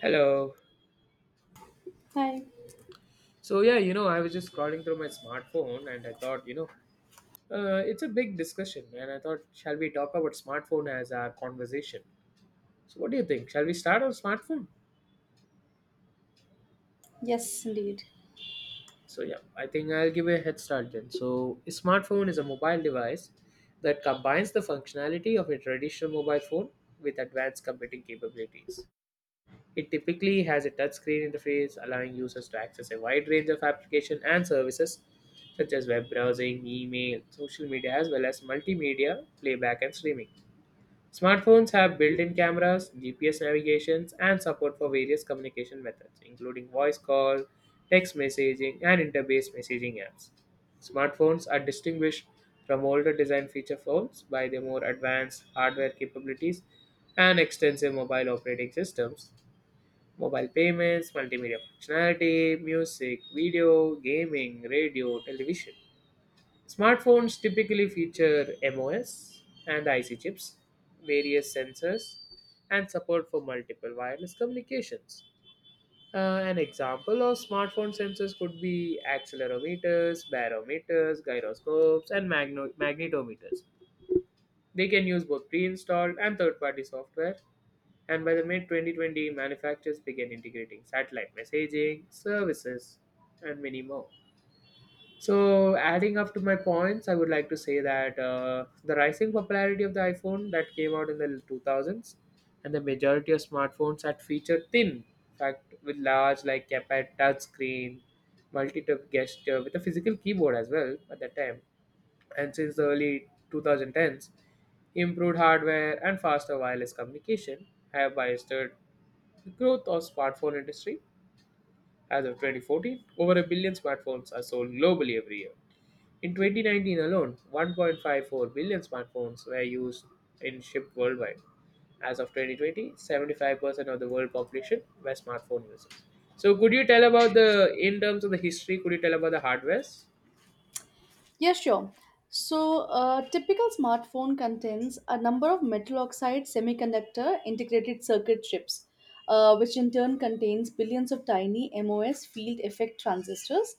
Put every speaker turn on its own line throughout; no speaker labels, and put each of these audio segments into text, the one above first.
Hello.
Hi.
So I was just scrolling through my smartphone and I thought, it's a big discussion, and I thought, shall we talk about smartphone as our conversation? So what do you think? Shall we start on smartphone?
Yes, indeed.
So yeah, I think I'll give a head start then. So a smartphone is a mobile device that combines the functionality of a traditional mobile phone with advanced computing capabilities. It typically has a touchscreen interface allowing users to access a wide range of applications and services such as web browsing, email, social media, as well as multimedia, playback, and streaming. Smartphones have built in cameras, GPS navigations, and support for various communication methods, including voice call, text messaging, and interface messaging apps. Smartphones are distinguished from older design feature phones by their more advanced hardware capabilities and extensive mobile operating systems mobile payments, multimedia functionality, music, video, gaming, radio, television. Smartphones typically feature MOS and IC chips, various sensors, and support for multiple wireless communications. An example of smartphone sensors could be accelerometers, barometers, gyroscopes, and magnetometers. They can use both pre-installed and third-party software, and by the mid-2020, manufacturers began integrating satellite messaging, services, and many more. So, adding up to my points, I would like to say that the rising popularity of the iPhone that came out in the 2000s and the majority of smartphones that feature thin, fact, with large like keypad touch screen, multi-tap gesture with a physical keyboard as well at that time and since the early 2010s, improved hardware and faster wireless communication have bolstered the growth of smartphone industry. As of 2014, over a billion smartphones are sold globally every year. In 2019 alone, 1.54 billion smartphones were used and shipped worldwide. As of 2020, 75% of the world population were smartphone users. So, could you tell about in terms of the history, could you tell about the hardwares?
Yeah, sure. So, a typical smartphone contains a number of metal oxide semiconductor integrated circuit chips, which in turn contains billions of tiny MOS field effect transistors.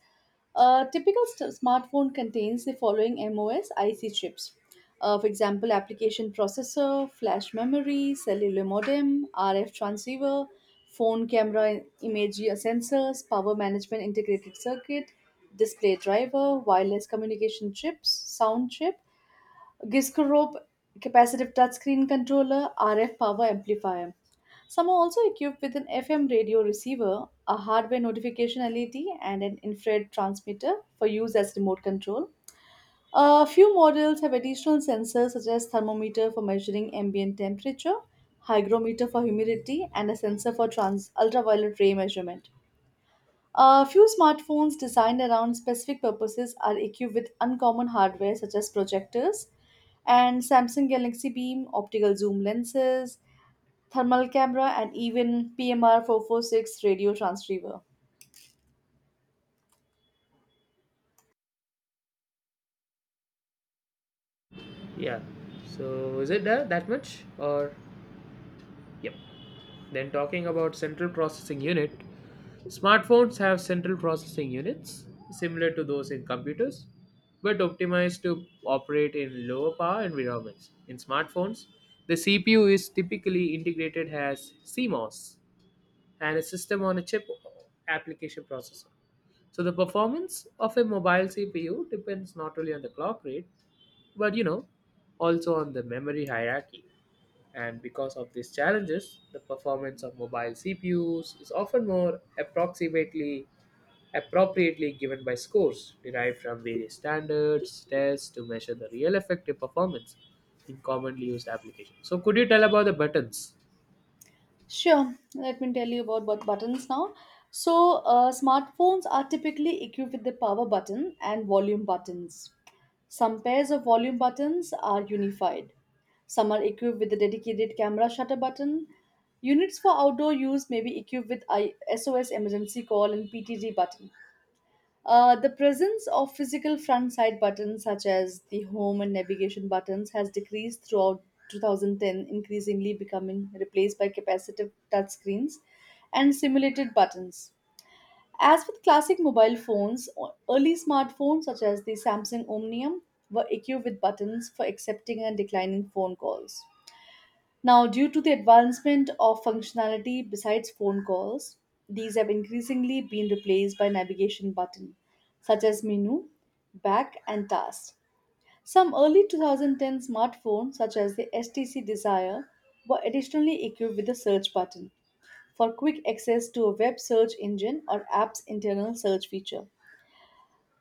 A typical smartphone contains the following MOS IC chips. For example, application processor, flash memory, cellular modem, RF transceiver, phone camera image sensors, power management integrated circuit, display driver, wireless communication chips, sound chip, Gisco capacitive touchscreen controller, RF power amplifier. Some are also equipped with an FM radio receiver, a hardware notification LED, and an infrared transmitter for use as remote control. A few models have additional sensors such as thermometer for measuring ambient temperature, hygrometer for humidity, and a sensor for ultraviolet ray measurement. A few smartphones designed around specific purposes are equipped with uncommon hardware such as projectors and Samsung Galaxy Beam, optical zoom lenses, thermal camera, and even PMR 446 radio transceiver.
Yeah. So, is it that much or? Yep. Then talking about central processing unit, smartphones have central processing units similar to those in computers, but optimized to operate in lower power environments. In smartphones, the CPU is typically integrated as CMOS and a system on a chip application processor. So the performance of a mobile CPU depends not only on the clock rate, but also on the memory hierarchy. And because of these challenges, the performance of mobile CPUs is often more approximately appropriately given by scores derived from various standards tests to measure the real effective performance in commonly used applications. So could you tell about the buttons?
Sure, let me tell you about what buttons now. So, smartphones are typically equipped with the power button and volume buttons. Some pairs of volume buttons are unified. Some are equipped with the dedicated camera shutter button. Units for outdoor use may be equipped with ISOS emergency call and PTG button. The presence of physical front side buttons such as the home and navigation buttons has decreased throughout 2010, increasingly becoming replaced by capacitive touchscreens and simulated buttons. As with classic mobile phones, early smartphones such as the Samsung Omnium were equipped with buttons for accepting and declining phone calls. Now, due to the advancement of functionality besides phone calls, these have increasingly been replaced by navigation buttons such as menu, back, and tasks. Some early 2010 smartphones, such as the STC Desire, were additionally equipped with a search button for quick access to a web search engine or app's internal search feature.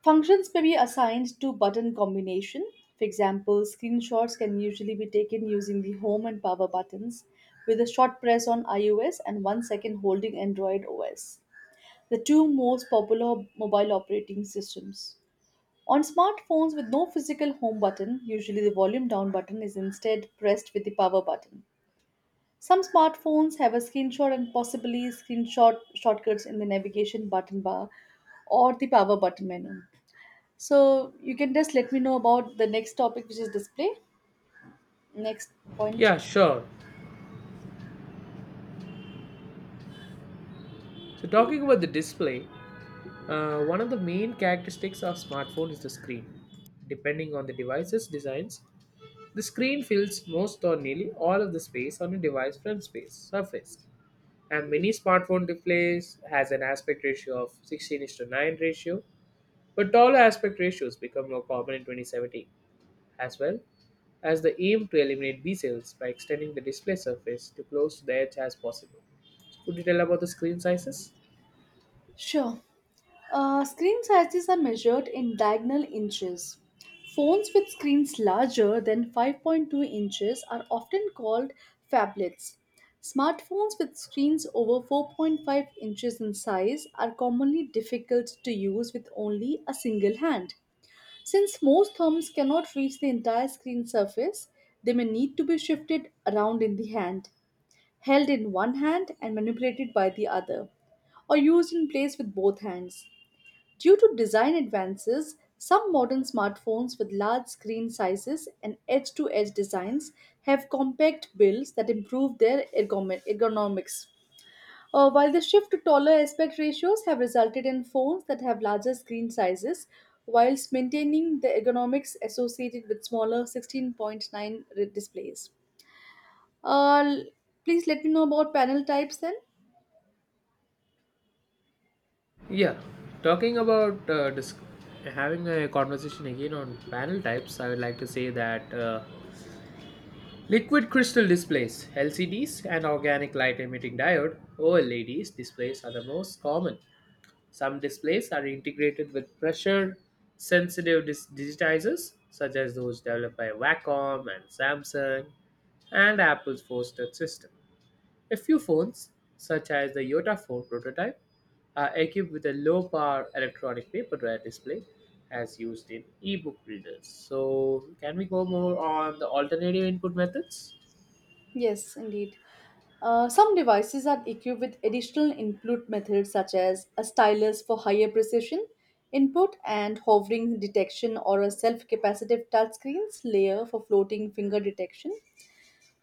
Functions may be assigned to button combination. For example, screenshots can usually be taken using the home and power buttons with a short press on iOS and 1 second holding Android OS, the two most popular mobile operating systems. On smartphones with no physical home button, usually the volume down button is instead pressed with the power button. Some smartphones have a screenshot and possibly screenshot shortcuts in the navigation button bar or the power button menu. So you can just let me know about the next topic, which is display. Next point.
Yeah, sure. So talking about the display, one of the main characteristics of smartphone is the screen. Depending on the device's designs, the screen fills most or nearly all of the space on a device front space surface. And many smartphone displays has an aspect ratio of 16 is to 9 ratio, but taller aspect ratios become more common in 2017 as well as the aim to eliminate B cells by extending the display surface to close to the edge as possible. So, could you tell about the screen sizes?
Sure. Screen sizes are measured in diagonal inches. Phones with screens larger than 5.2 inches are often called phablets. Smartphones with screens over 4.5 inches in size are commonly difficult to use with only a single hand. Since most thumbs cannot reach the entire screen surface, they may need to be shifted around in the hand, held in one hand and manipulated by the other, or used in place with both hands. Due to design advances, some modern smartphones with large screen sizes and edge to edge designs have compact builds that improve their ergonomics. While the shift to taller aspect ratios have resulted in phones that have larger screen sizes, whilst maintaining the ergonomics associated with smaller 16.9 displays. L- please let me know about panel types then.
Yeah, talking about having a conversation again on panel types, I would like to say that liquid crystal displays, LCDs, and organic light emitting diode, OLEDs displays are the most common. Some displays are integrated with pressure sensitive digitizers, such as those developed by Wacom and Samsung and Apple's force touch system. A few phones, such as the Yota phone prototype, are equipped with a low power electronic paperware display as used in ebook readers. So, can we go more on the alternative input methods?
Yes, indeed. Some devices are equipped with additional input methods such as a stylus for higher precision input and hovering detection or a self-capacitive touchscreens layer for floating finger detection.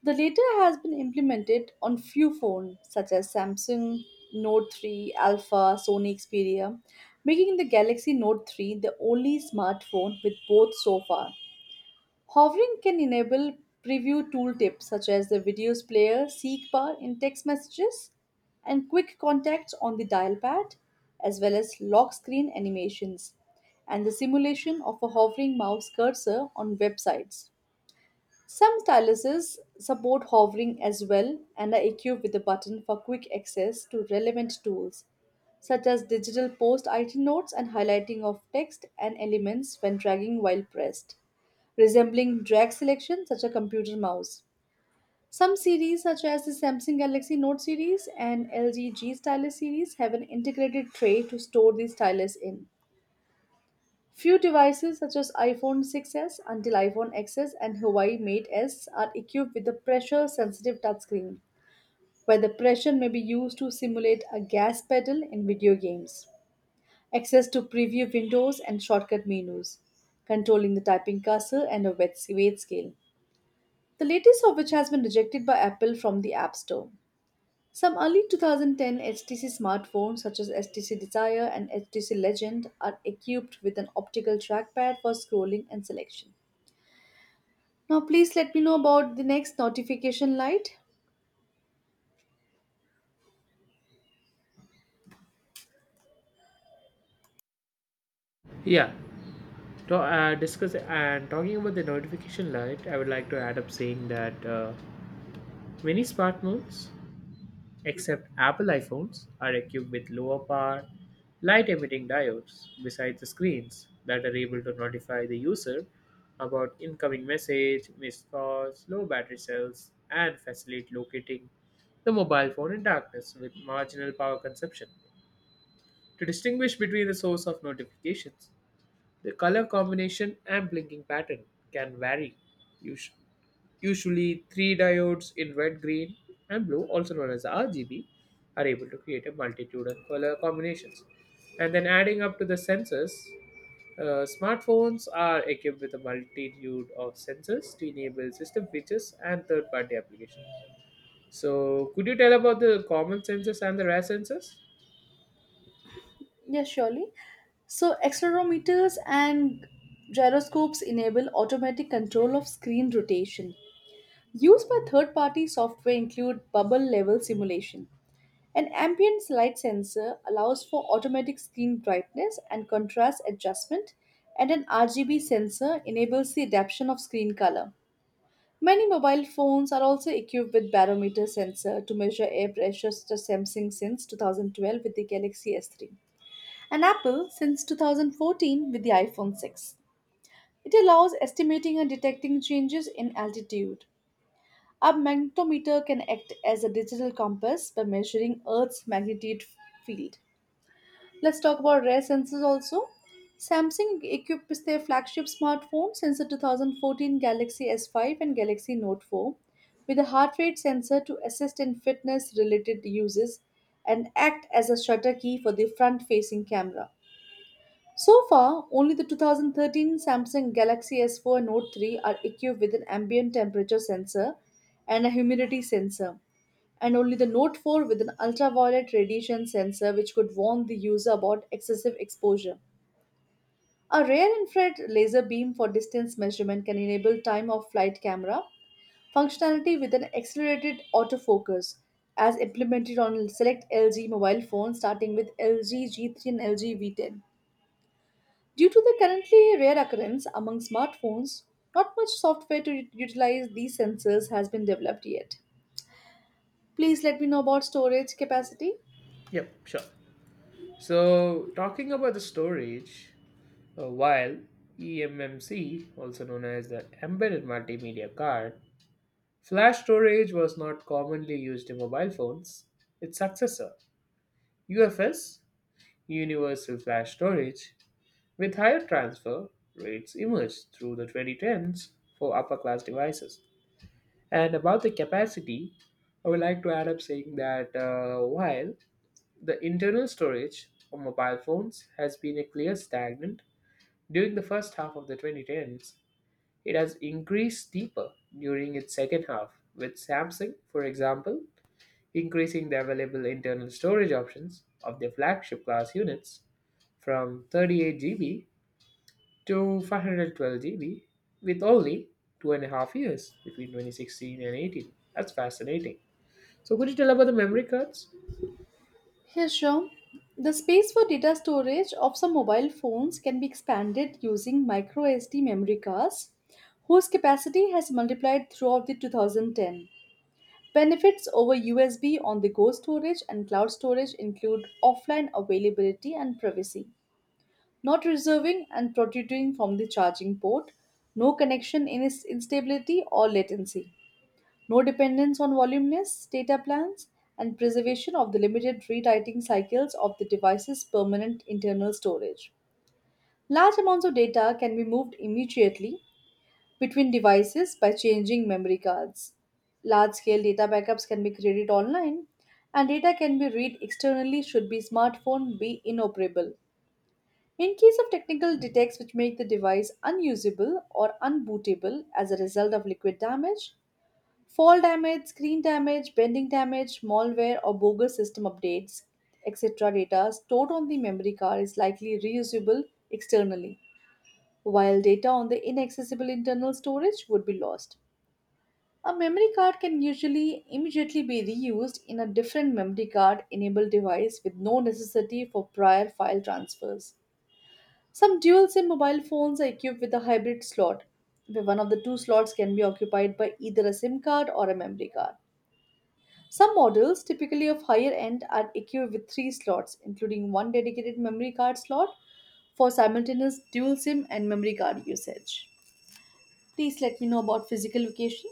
The latter has been implemented on few phones such as Samsung Note 3 Alpha, Sony Xperia, making the Galaxy Note 3 the only smartphone with both so far. Hovering can enable preview tooltips such as the videos player, seek bar in text messages, and quick contacts on the dial pad, as well as lock screen animations, and the simulation of a hovering mouse cursor on websites. Some styluses support hovering as well and are equipped with a button for quick access to relevant tools, such as digital post item notes and highlighting of text and elements when dragging while pressed resembling drag selection, such a computer mouse. Some series, such as the Samsung Galaxy Note series and LG G Stylus series, have an integrated tray to store the stylus in. Few devices, such as iPhone 6s until iPhone XS and Huawei Mate S, are equipped with a pressure sensitive touchscreen, where the pressure may be used to simulate a gas pedal in video games, access to preview windows and shortcut menus, controlling the typing cursor and a weight scale, the latest of which has been rejected by Apple from the App Store. Some early 2010 HTC smartphones, such as HTC Desire and HTC Legend, are equipped with an optical trackpad for scrolling and selection. Now, please let me know about the next notification light.
Yeah, to discuss and talking about the notification light, I would like to add up saying that. Many smartphones, except Apple iPhones, are equipped with lower power, light emitting diodes beside the screens that are able to notify the user about incoming message, missed calls, low battery cells, and facilitate locating the mobile phone in darkness with marginal power consumption. To distinguish between the source of notifications, the color combination and blinking pattern can vary, usu- usually three diodes in red, green, and blue, also known as RGB, are able to create a multitude of color combinations. And then adding up to the sensors, smartphones are equipped with a multitude of sensors to enable system features and third party applications. So, could you tell about the common sensors and the rare sensors?
Yes, surely. So, accelerometers and gyroscopes enable automatic control of screen rotation. Used by third party software include bubble level simulation. An ambient light sensor allows for automatic screen brightness and contrast adjustment, and an RGB sensor enables the adaptation of screen color. Many mobile phones are also equipped with barometer sensor to measure air pressure such as Samsung since 2012 with the Galaxy S3 and Apple since 2014 with the iPhone 6. It allows estimating and detecting changes in altitude. A magnetometer can act as a digital compass by measuring Earth's magnetic field. Let's talk about rare sensors also. Samsung equips their flagship smartphones since the 2014 Galaxy S5 and Galaxy Note 4 with a heart rate sensor to assist in fitness related uses and act as a shutter key for the front facing camera. So far, only the 2013 Samsung Galaxy S4 and Note 3 are equipped with an ambient temperature sensor and a humidity sensor and only the Note 4 with an ultraviolet radiation sensor which could warn the user about excessive exposure. A rare infrared laser beam for distance measurement can enable time of flight camera functionality with an accelerated autofocus as implemented on select LG mobile phones starting with LG G3 and LG V10. Due to the currently rare occurrence among smartphones, not much software to utilize these sensors has been developed yet. Please let me know about storage capacity.
Yep, sure. So, talking about the storage, while eMMC, also known as the Embedded Multimedia Card, flash storage was not commonly used in mobile phones. Its successor, UFS, Universal Flash Storage, with higher transfer rates emerged through the 2010s for upper class devices. And about the capacity, I would like to add up saying that while the internal storage of mobile phones has been a clear stagnant during the first half of the 2010s, it has increased steeper during its second half, with Samsung, for example, increasing the available internal storage options of their flagship class units from 38 GB to 512 GB with only 2.5 years between 2016 and 18. That's fascinating. So, could you tell about the memory cards?
Here, sure. The space for data storage of some mobile phones can be expanded using micro SD memory cards, whose capacity has multiplied throughout the 2010. Benefits over USB on the go storage and cloud storage include offline availability and privacy, not reserving and protruding from the charging port, no connection instability or latency, no dependence on voluminous data plans, and preservation of the limited rewriting cycles of the device's permanent internal storage. Large amounts of data can be moved immediately between devices by changing memory cards. Large scale data backups can be created online, and data can be read externally should the smartphone be inoperable. In case of technical defects which make the device unusable or unbootable as a result of liquid damage, fall damage, screen damage, bending damage, malware, or bogus system updates, etc. data stored on the memory card is likely reusable externally, while data on the inaccessible internal storage would be lost. A memory card can usually immediately be reused in a different memory card enabled device with no necessity for prior file transfers. Some dual SIM mobile phones are equipped with a hybrid slot, where one of the two slots can be occupied by either a SIM card or a memory card. Some models, typically of higher end, are equipped with three slots, including one dedicated memory card slot for simultaneous dual SIM and memory card usage. Please let me know about physical location.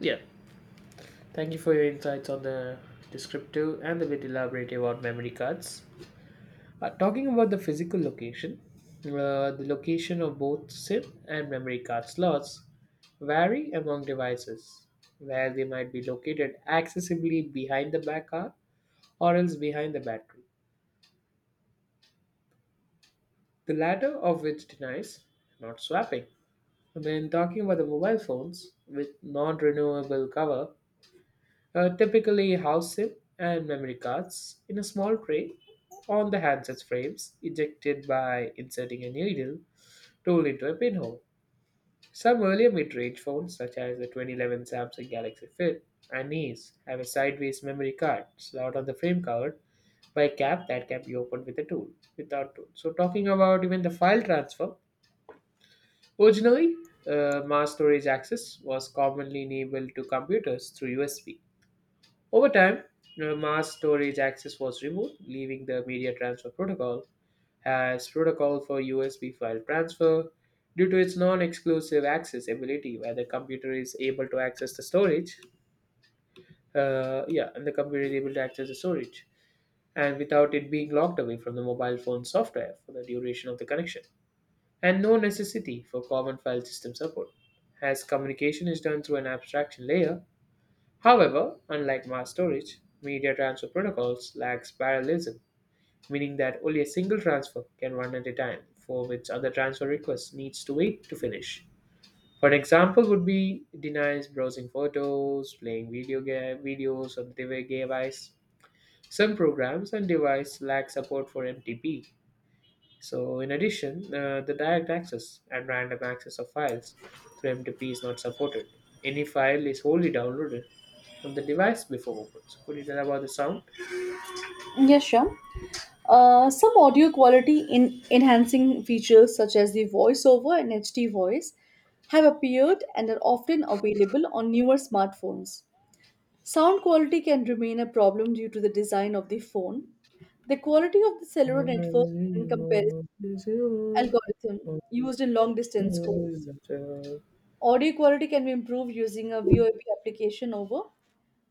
Yeah. Thank you for your insights on the descriptive and the bit elaborative about memory cards. Talking about the physical location, the location of both SIM and memory card slots vary among devices, where they might be located accessibly behind the back card or else behind the battery, the latter of which denies not swapping. When talking about the mobile phones with non renewable cover, typically house SIM and memory cards in a small tray on the handset's frames, ejected by inserting a needle tool into a pinhole. Some earlier mid-range phones, such as the 2011 Samsung Galaxy Flip and Ace, have a sideways memory card slot on the frame covered by a cap that can be opened with a tool, without tool. So talking about even the file transfer, originally mass storage access was commonly enabled to computers through USB. Over time, mass storage access was removed, leaving the media transfer protocol has protocol for USB file transfer. Due to its non-exclusive accessibility, where the computer is able to access the storage, yeah, and the computer is able to access the storage, and without it being locked away from the mobile phone software for the duration of the connection, and no necessity for common file system support, as communication is done through an abstraction layer. However, unlike mass storage, media transfer protocols lacks parallelism meaning that only a single transfer can run at a time for which other transfer request needs to wait to finish. For an example would be denies browsing photos, playing video game, videos on the device. Some programs and device lack support for MTP. So in addition, the direct access and random access of files through MTP is not supported. Any file is wholly downloaded from the device before open. So could you tell about the sound?
Yes, sure. Some audio quality in enhancing features such as the voiceover and HD voice have appeared and are often available on newer smartphones. Sound quality can remain a problem due to the design of the phone, the quality of the cellular network, and comparison algorithm used in long distance
Mm,
calls.
but, Uh,
Audio quality can be improved using a VoIP application over.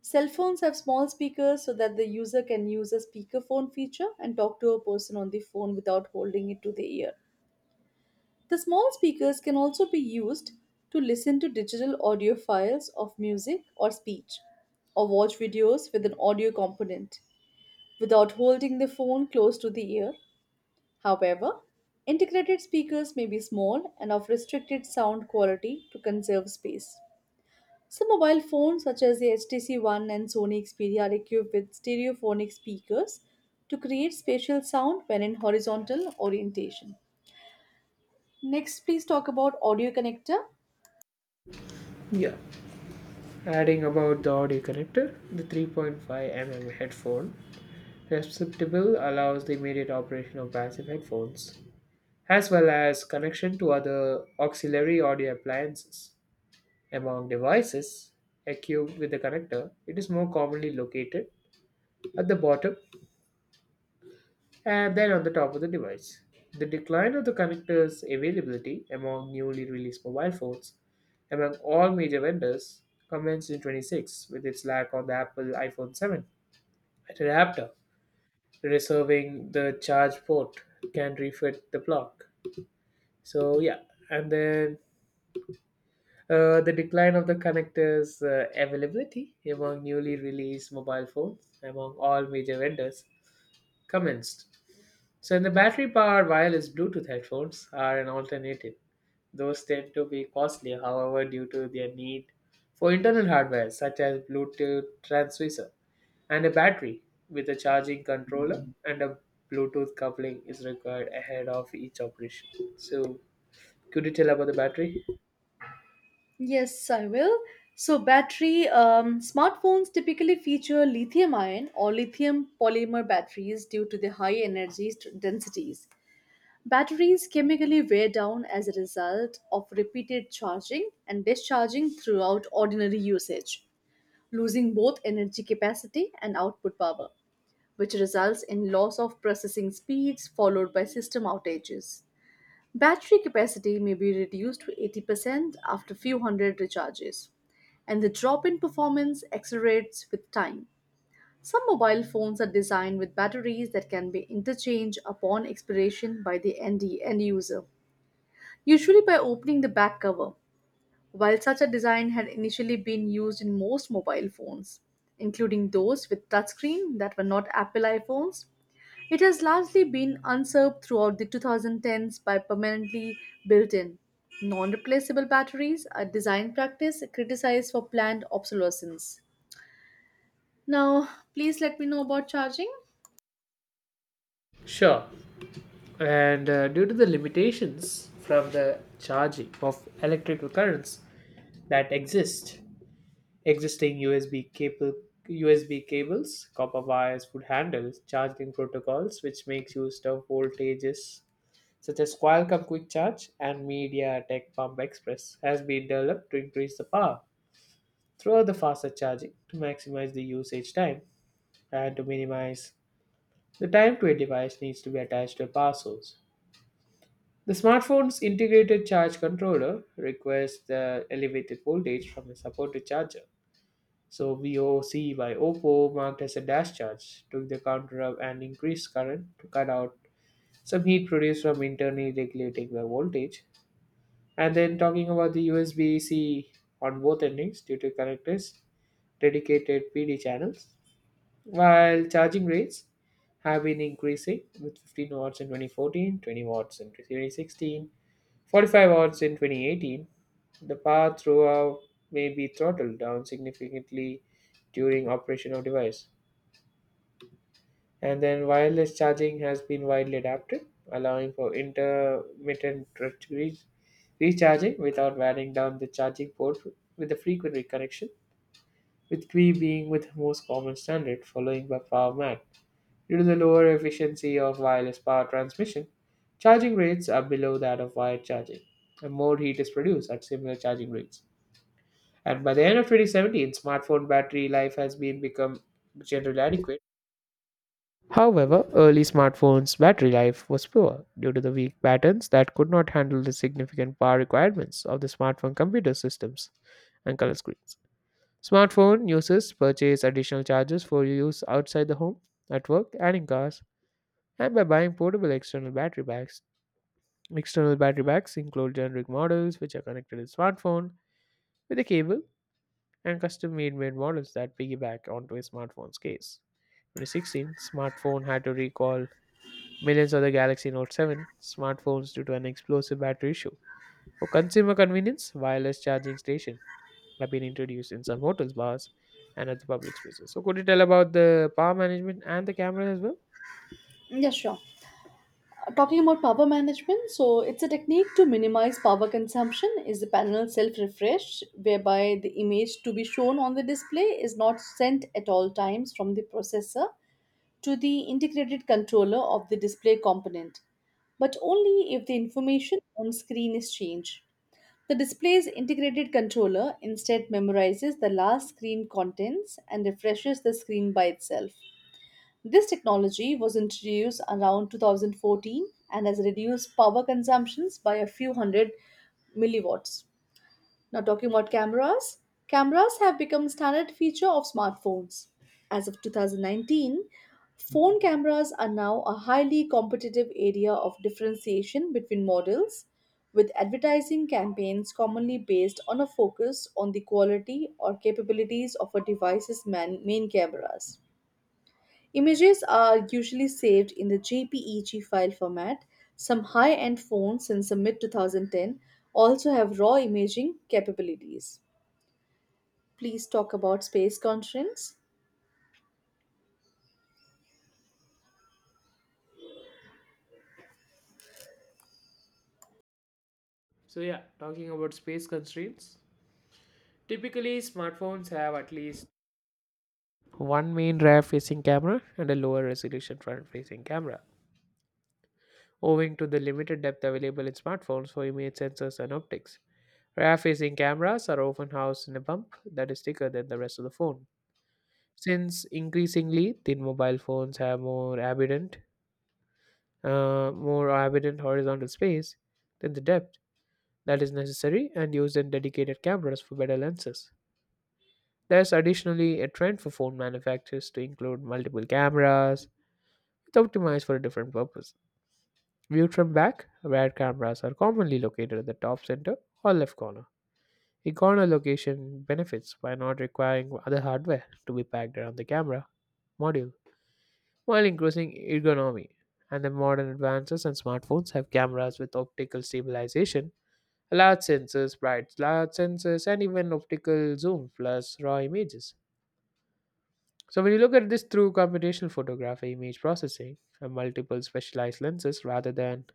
Cell phones have small speakers so that the user can use a speakerphone feature and talk to a person on the phone without holding it to the ear. The small speakers can also be used to listen to digital audio files of music or speech, or watch videos with an audio component without holding the phone close to the ear. However, integrated speakers may be small and of restricted sound quality to conserve space. Some mobile phones, such as the HTC One and Sony Xperia, are equipped with stereophonic speakers to create spatial sound when in horizontal orientation. Next, please talk about audio connector.
yeah, adding about the audio connector, the 3.5 mm headphone receptacle allows the immediate operation of passive headphones, as well as connection to other auxiliary audio appliances. Among devices equipped with the connector, it is more commonly located at the bottom and then on the top of the device, the decline of the connector's availability among newly released mobile phones among all major vendors commenced in 26 with its lack on the Apple iPhone 7 adapter, reserving the charge port can refit the block. So yeah, and then the decline of the connector's availability among newly released mobile phones among all major vendors commenced. So, in the battery powered wireless Bluetooth headphones are an alternative. Those tend to be costly, however, due to their need for internal hardware such as Bluetooth transceiver and a battery with a charging controller and a Bluetooth coupling is required ahead of each operation. So, could you tell about the battery?
Yes, I will. So, battery, smartphones typically feature lithium ion or lithium polymer batteries due to the high energy densities. Batteries chemically wear down as a result of repeated charging and discharging throughout ordinary usage, losing both energy capacity and output power, which results in loss of processing speeds followed by system outages. Battery capacity may be reduced to 80% after few hundred recharges, and the drop in performance accelerates with time. Some mobile phones are designed with batteries that can be interchanged upon expiration by the end user, usually by opening the back cover, while such a design had initially been used in most mobile phones, including those with touchscreen that were not Apple iPhones. It has largely been usurped throughout the 2010s by permanently built in, non replaceable batteries, a design practice criticized for planned obsolescence. Now, please let me know about charging.
Sure. And due to the limitations from the charging of electrical currents that exist, existing USB cables, copper wires would handle charging protocols which makes use of voltages such as Qualcomm Quick Charge and MediaTek Pump Express has been developed to increase the power throughout the faster charging to maximize the usage time and to minimize the time to a device needs to be attached to a power source. The smartphone's integrated charge controller requires the elevated voltage from the supported charger. So VOC by OPPO, marked as a dash charge, took the counter up and increased current to cut out some heat produced from internally regulating the voltage. And then talking about the USB-C on both endings due to connectors, dedicated PD channels, while charging rates have been increasing with 15 watts in 2014, 20 watts in 2016, 45 hours in 2018, the path throughout may be throttled down significantly during operation of device. And then wireless charging has been widely adapted, allowing for intermittent re- recharging without wearing down the charging port with a frequent reconnection, with Qi being with most common standard following by PowerMac. Due to the lower efficiency of wireless power transmission, charging rates are below that of wired charging, and more heat is produced at similar charging rates. And by the end of 2017, smartphone battery life has been become generally adequate. However, early smartphones' battery life was poor due to the weak patterns that could not handle the significant power requirements of the smartphone computer systems and color screens. Smartphone users purchase additional chargers for use outside the home, at work, and in cars and by buying portable external battery packs. External battery packs include generic models which are connected to a smartphone with a cable and custom made models that piggyback onto a smartphone's case. 2016, smartphone had to recall millions of the Galaxy Note 7 smartphones due to an explosive battery issue. For consumer convenience, wireless charging stations have been introduced in some hotels, bars, and other public spaces. So, could you tell about the power management and the cameras as well?
Yeah, sure. Talking about power management, so it's a technique to minimize power consumption is the panel self-refresh, whereby the image to be shown on the display is not sent at all times from the processor to the integrated controller of the display component, but only if the information on screen is changed. The display's integrated controller instead memorizes the last screen contents and refreshes the screen by itself. This technology was introduced around 2014 and has reduced power consumptions by a few hundred milliwatts. Now, talking about cameras, cameras have become standard feature of smartphones. As of 2019, phone cameras are now a highly competitive area of differentiation between models, with advertising campaigns commonly based on a focus on the quality or capabilities of a device's main cameras. Images are usually saved in the JPEG file format. Some high end phones since the mid 2010 also have raw imaging capabilities. Please talk about space conference.
So yeah, talking about space constraints. Typically, smartphones have at least one main rear-facing camera and a lower resolution front-facing camera, owing to the limited depth available in smartphones for image sensors and optics. Rear-facing cameras are often housed in a bump that is thicker than the rest of the phone, since increasingly thin mobile phones have more evident horizontal space than the depth that is necessary and used in dedicated cameras for better lenses. There's additionally a trend for phone manufacturers to include multiple cameras it's optimized for a different purpose. Viewed from back, rear cameras are commonly located at the top center or left corner. A corner location benefits by not requiring other hardware to be packed around the camera module, while increasing ergonomy. And the modern advances in smartphones have cameras with optical stabilization, large sensors, bright large sensors, and even optical zoom plus raw images. So when you look at this through computational photography, image processing, and multiple specialized lenses rather than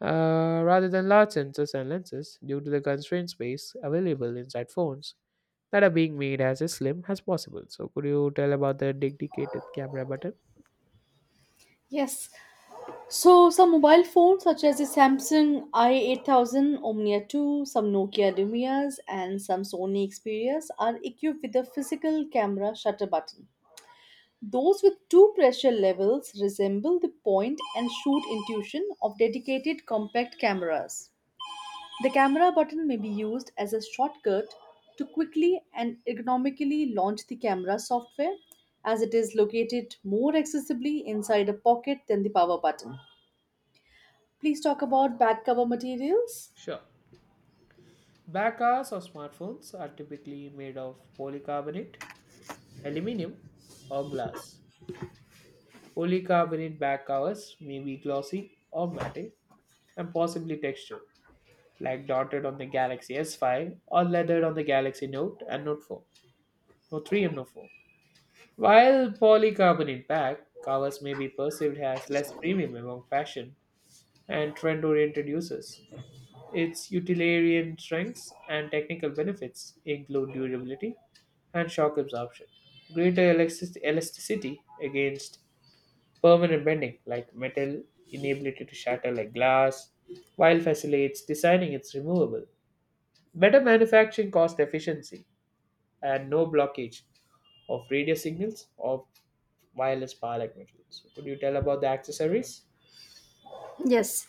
uh, rather than large sensors and lenses, due to the constraint space available inside phones, that are being made as slim as possible. So could you tell about the dedicated camera button?
Yes. So some mobile phones such as the Samsung i8000, Omnia 2, some Nokia Lumias and some Sony Xperias are equipped with a physical camera shutter button. Those with two pressure levels resemble the point and shoot intuition of dedicated compact cameras. The camera button may be used as a shortcut to quickly and economically launch the camera software as it is located more accessibly inside a pocket than the power button. Please talk about back cover materials.
Sure. Backers of smartphones are typically made of polycarbonate, aluminum, or glass. Polycarbonate back covers may be glossy or matte and possibly textured, like dotted on the Galaxy S5 or leathered on the Galaxy Note and Note 4, Note 3 and Note 4. While polycarbonate back covers may be perceived as less premium among fashion and trend oriented users, its utilitarian strengths and technical benefits include durability and shock absorption, greater elasticity against permanent bending like metal, inability to shatter like glass, while facilitates designing its removable, better manufacturing cost efficiency, and no blockage of radio signals of wireless power like metals. Could you tell about the accessories?
Yes,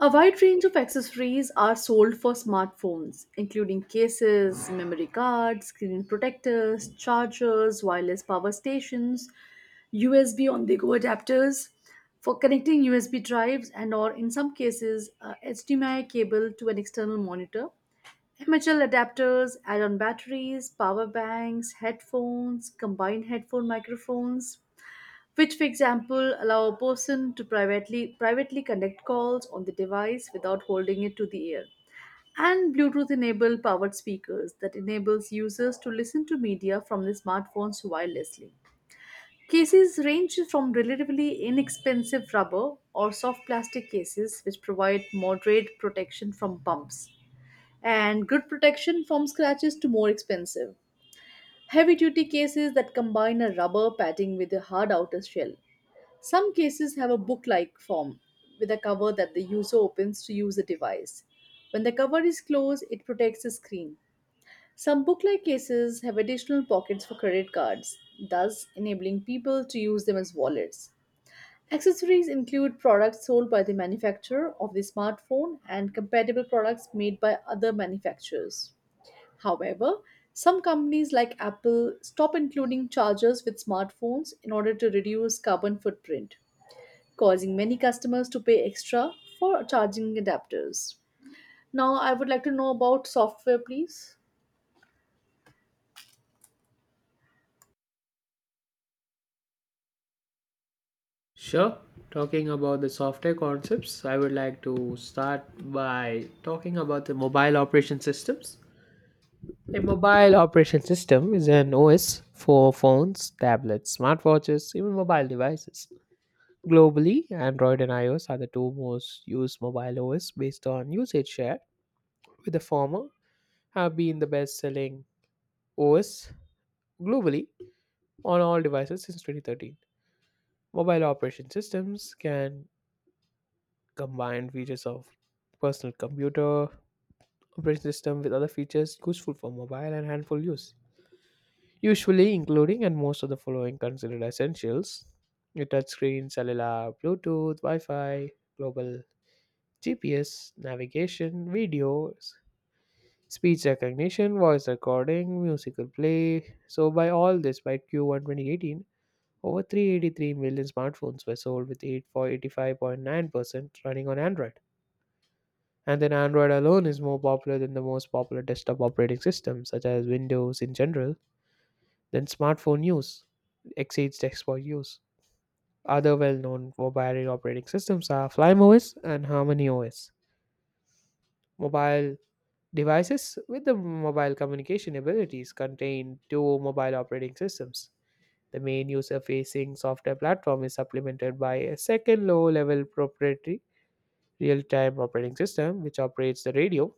a wide range of accessories are sold for smartphones, including cases, memory cards, screen protectors, chargers, wireless power stations, USB on-the-go adapters for connecting USB drives and or in some cases a HDMI cable to an external monitor. MHL adapters, add-on batteries, power banks, headphones, combined headphone microphones, which for example allow a person to privately connect calls on the device without holding it to the ear, and bluetooth enabled powered speakers that enables users to listen to media from their smartphones wirelessly. Cases range from relatively inexpensive rubber or soft plastic cases which provide moderate protection from bumps and good protection from scratches to more expensive heavy duty cases that combine a rubber padding with a hard outer shell. Some cases have a book like form with a cover that the user opens to use the device. When the cover is closed, it protects the screen. Some book like cases have additional pockets for credit cards, thus enabling people to use them as wallets. Accessories include products sold by the manufacturer of the smartphone and compatible products made by other manufacturers. However, some companies like Apple stop including chargers with smartphones in order to reduce carbon footprint, causing many customers to pay extra for charging adapters. Now, I would like to know about software, please.
Sure. Talking about the software concepts, I would like to start by talking about the mobile operation systems. A mobile operation system is an OS for phones, tablets, smartwatches, even mobile devices. Globally, Android and iOS are the two most used mobile OS based on usage share, with the former have been the best selling OS globally on all devices since 2013. Mobile operation systems can combined features of personal computer operating system with other features useful for mobile and handful use. Usually including and most of the following considered essentials. Your touchscreen, cellular, Bluetooth, Wi-Fi, global GPS, navigation, videos, speech recognition, voice recording, musical play. So by all this, by Q1 2018, over 383 million smartphones were sold with 8 85.9% running on Android. And then Android alone is more popular than the most popular desktop operating systems, such as Windows in general. Then smartphone use exceeds desktop use. Other well known mobile operating systems are FlymeOS and HarmonyOS. Mobile devices with the mobile communication abilities contain two mobile operating systems. The main user facing software platform is supplemented by a second low level proprietary real time operating system which operates the radio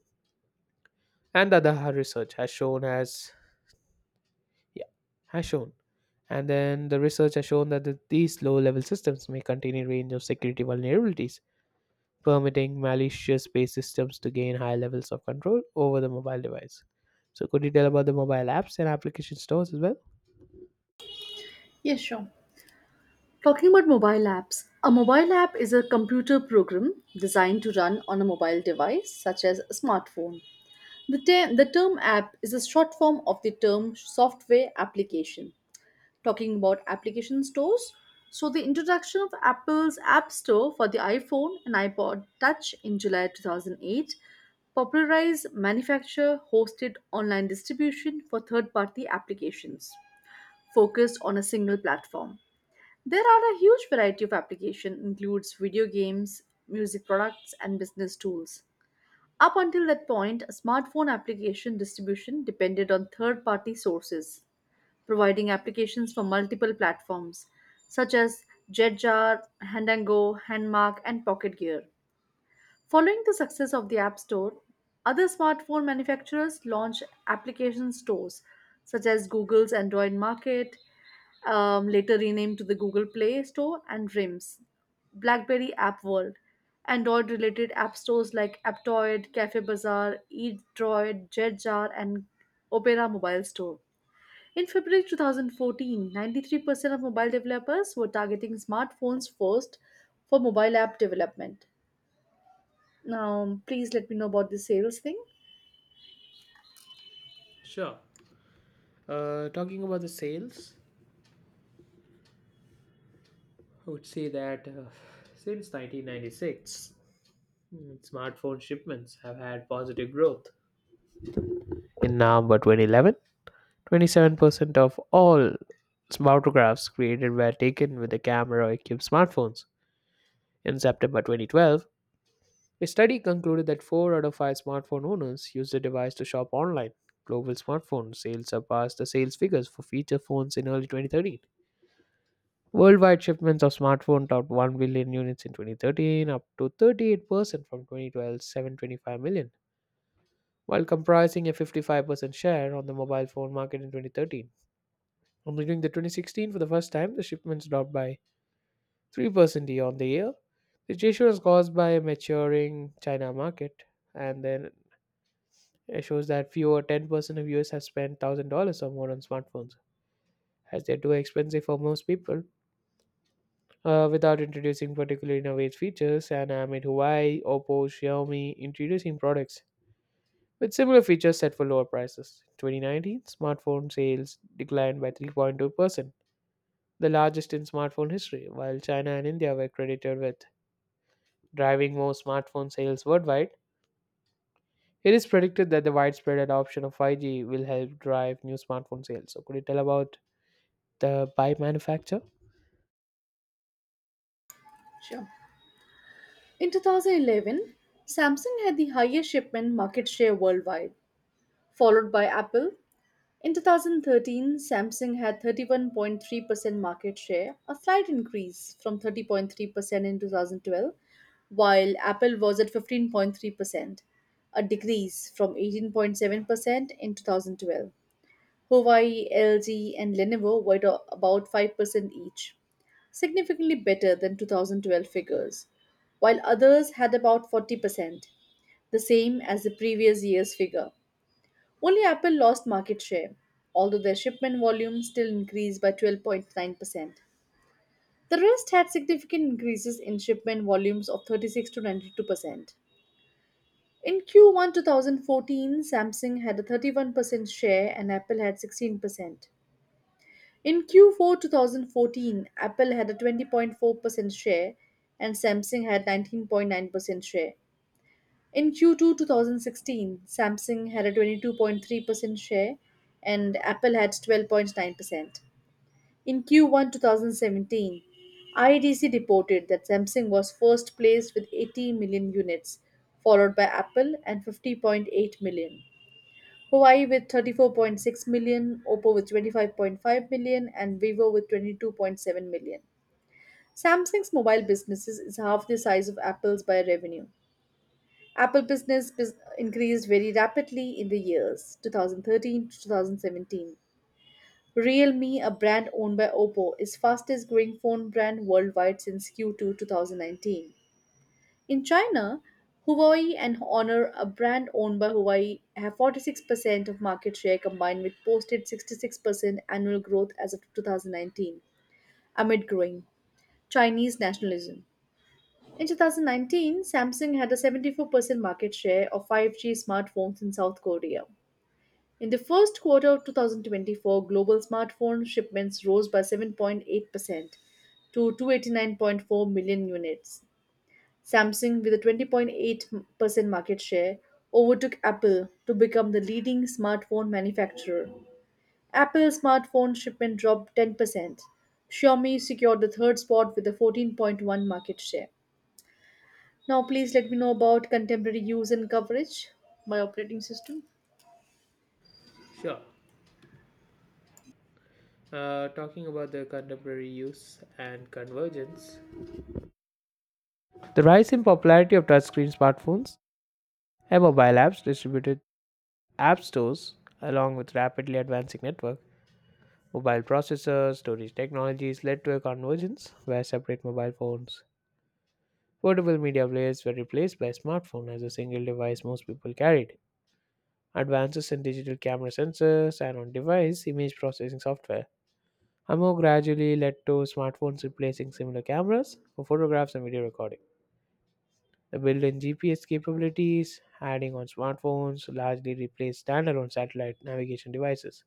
and the Adaha research Yeah, has shown. And then the research has shown that these low level systems may contain a range of security vulnerabilities, permitting malicious based systems to gain high levels of control over the mobile device. So, could you tell about the mobile apps and application stores as well?
Yes, sure. Talking about mobile apps, a mobile app is a computer program designed to run on a mobile device such as a smartphone. The term app is a short form of the term software application. Talking about application stores. So, the introduction of Apple's App Store for the iPhone and iPod Touch in July 2008 popularized manufacturer hosted online distribution for third party applications focused on a single platform. There are a huge variety of application includes video games, music products and business tools. Up until that point, a smartphone application distribution depended on third party sources providing applications for multiple platforms such as Jetjar, Handango, Handmark, and Pocket Gear. Following the success of the App Store, other smartphone manufacturers launched application stores such as Google's Android Market, later renamed to the Google Play Store, and RIMS, BlackBerry App World, Android related app stores like Aptoid, Cafe Bazaar, eDroid, Jetjar, and Opera Mobile Store. In February 2014, 93% of mobile developers were targeting smartphones first for mobile app development. Now, please let me know about the sales thing.
Sure. Talking about the sales, I would say that since 1996, smartphone shipments have had positive growth. In November 2011, 27% of all photographs created were taken with a camera or equipped smartphones. In September 2012, a study concluded that 4 out of 5 smartphone owners use the device to shop online. Global smartphone sales surpassed the sales figures for feature phones in early 2013. Worldwide shipments of smartphones topped 1 billion units in 2013, up to 38% from 2012's 725 million, while comprising a 55% share on the mobile phone market in 2013. And during the 2016, for the first time, the shipments dropped by 3% year on the year. The issue is caused by a maturing China market, and then it shows that fewer 10% of US have spent $1,000 or more on smartphones, as they're too expensive for most people. Without introducing particular innovative features, and amid Huawei, Oppo, Xiaomi introducing products with similar features set for lower prices. 2019 smartphone sales declined by 3.2%, the largest in smartphone history, while China and India were credited with driving more smartphone sales worldwide. It is predicted that the widespread adoption of 5G will help drive new smartphone sales. So, could you tell about the by manufacturer?
Sure. In 2011, Samsung had the highest shipment market share worldwide, followed by Apple. In 2013, Samsung had 31.3% market share, a slight increase from 30.3% in 2012, while Apple was at 15.3%, a decrease from 18.7% in 2012. Huawei, LG, and Lenovo were at about 5% each, significantly better than 2012 figures, while others had about 40%, the same as the previous year's figure. Only Apple lost market share, although their shipment volume still increased by 12.9%. The rest had significant increases in shipment volumes of 36 to 92%. In Q1 2014, Samsung had a 31% share and Apple had 16%. In Q4 2014, Apple had a 20.4% share and Samsung had 19.9% share. In Q2 2016, Samsung had a 22.3% share and Apple had 12.9%. In Q1 2017, IDC reported that Samsung was first placed with 80 million units, followed by Apple and 50.8 million. Huawei with 34.6 million, Oppo with 25.5 million, and Vivo with 22.7 million. Samsung's mobile businesses is half the size of Apple's by revenue. Apple business increased very rapidly in the years 2013 to 2017. Realme, a brand owned by Oppo, is fastest growing phone brand worldwide since Q2 2019. In China, Huawei and Honor, a brand owned by Huawei, have 46% of market share combined with posted 66% annual growth as of 2019 amid growing Chinese nationalism. In 2019, Samsung had a 74% market share of 5G smartphones in South Korea. In the first quarter of 2024, global smartphone shipments rose by 7.8% to 289.4 million units. Samsung, with a 20.8% market share, overtook Apple to become the leading smartphone manufacturer. Apple smartphone shipment dropped 10%. Xiaomi secured the third spot with a 14.1 market share. Now, please let me know about contemporary use and coverage by operating system.
Sure. Talking about the contemporary use and convergence, the rise in popularity of touchscreen smartphones and mobile apps distributed app stores, along with rapidly advancing network, mobile processors, storage technologies led to a convergence where separate mobile phones, portable media players were replaced by smartphone as a single device most people carried. Advances in digital camera sensors and on-device image processing software are more gradually led to smartphones replacing similar cameras for photographs and video recording. The built-in GPS capabilities, adding on smartphones, largely replaced standalone satellite navigation devices,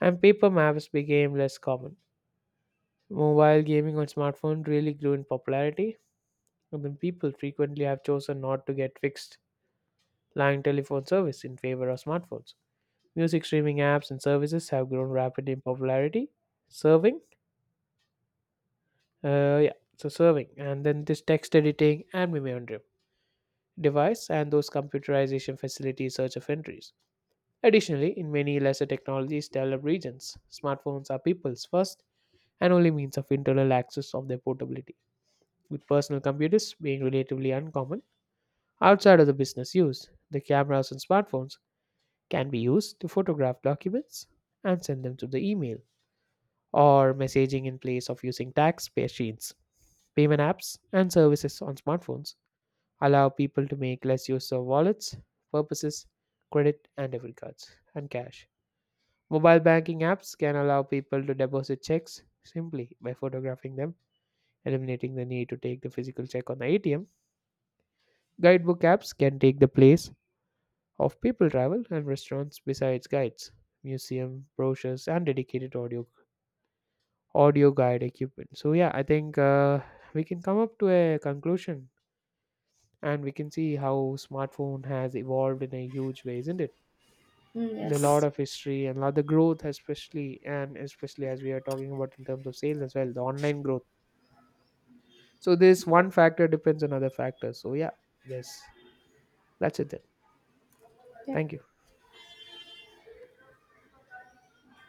and paper maps became less common. Mobile gaming on smartphone really grew in popularity, and then people frequently have chosen not to get fixed line telephone service in favor of smartphones. Music streaming apps and services have grown rapidly in popularity, serving, yeah, so serving, and then this text editing and mimeo device and those computerization facilities search of entries. Additionally, in many lesser technologies developed regions, smartphones are people's first and only means of internal access of their portability, with personal computers being relatively uncommon outside of the business use. The cameras on smartphones can be used to photograph documents and send them to the email or messaging in place of using fax machines. Payment apps and services on smartphones allow people to make less use of wallets, purposes, credit and debit cards, and cash. Mobile banking apps can allow people to deposit checks simply by photographing them, eliminating the need to take the physical check on the ATM. Guidebook apps can take the place of people travel and restaurants besides guides, museum brochures, and dedicated audio guide equipment. So yeah, I think we can come up to a conclusion and we can see how smartphone has evolved in a huge way, isn't it?
Mm,
The lot
yes.
of history and a lot the growth especially and especially as we are talking about in terms of sales as well, the online growth, so this one factor depends on other factors, so yeah. Yes, that's it then. Thank
Yep.
you.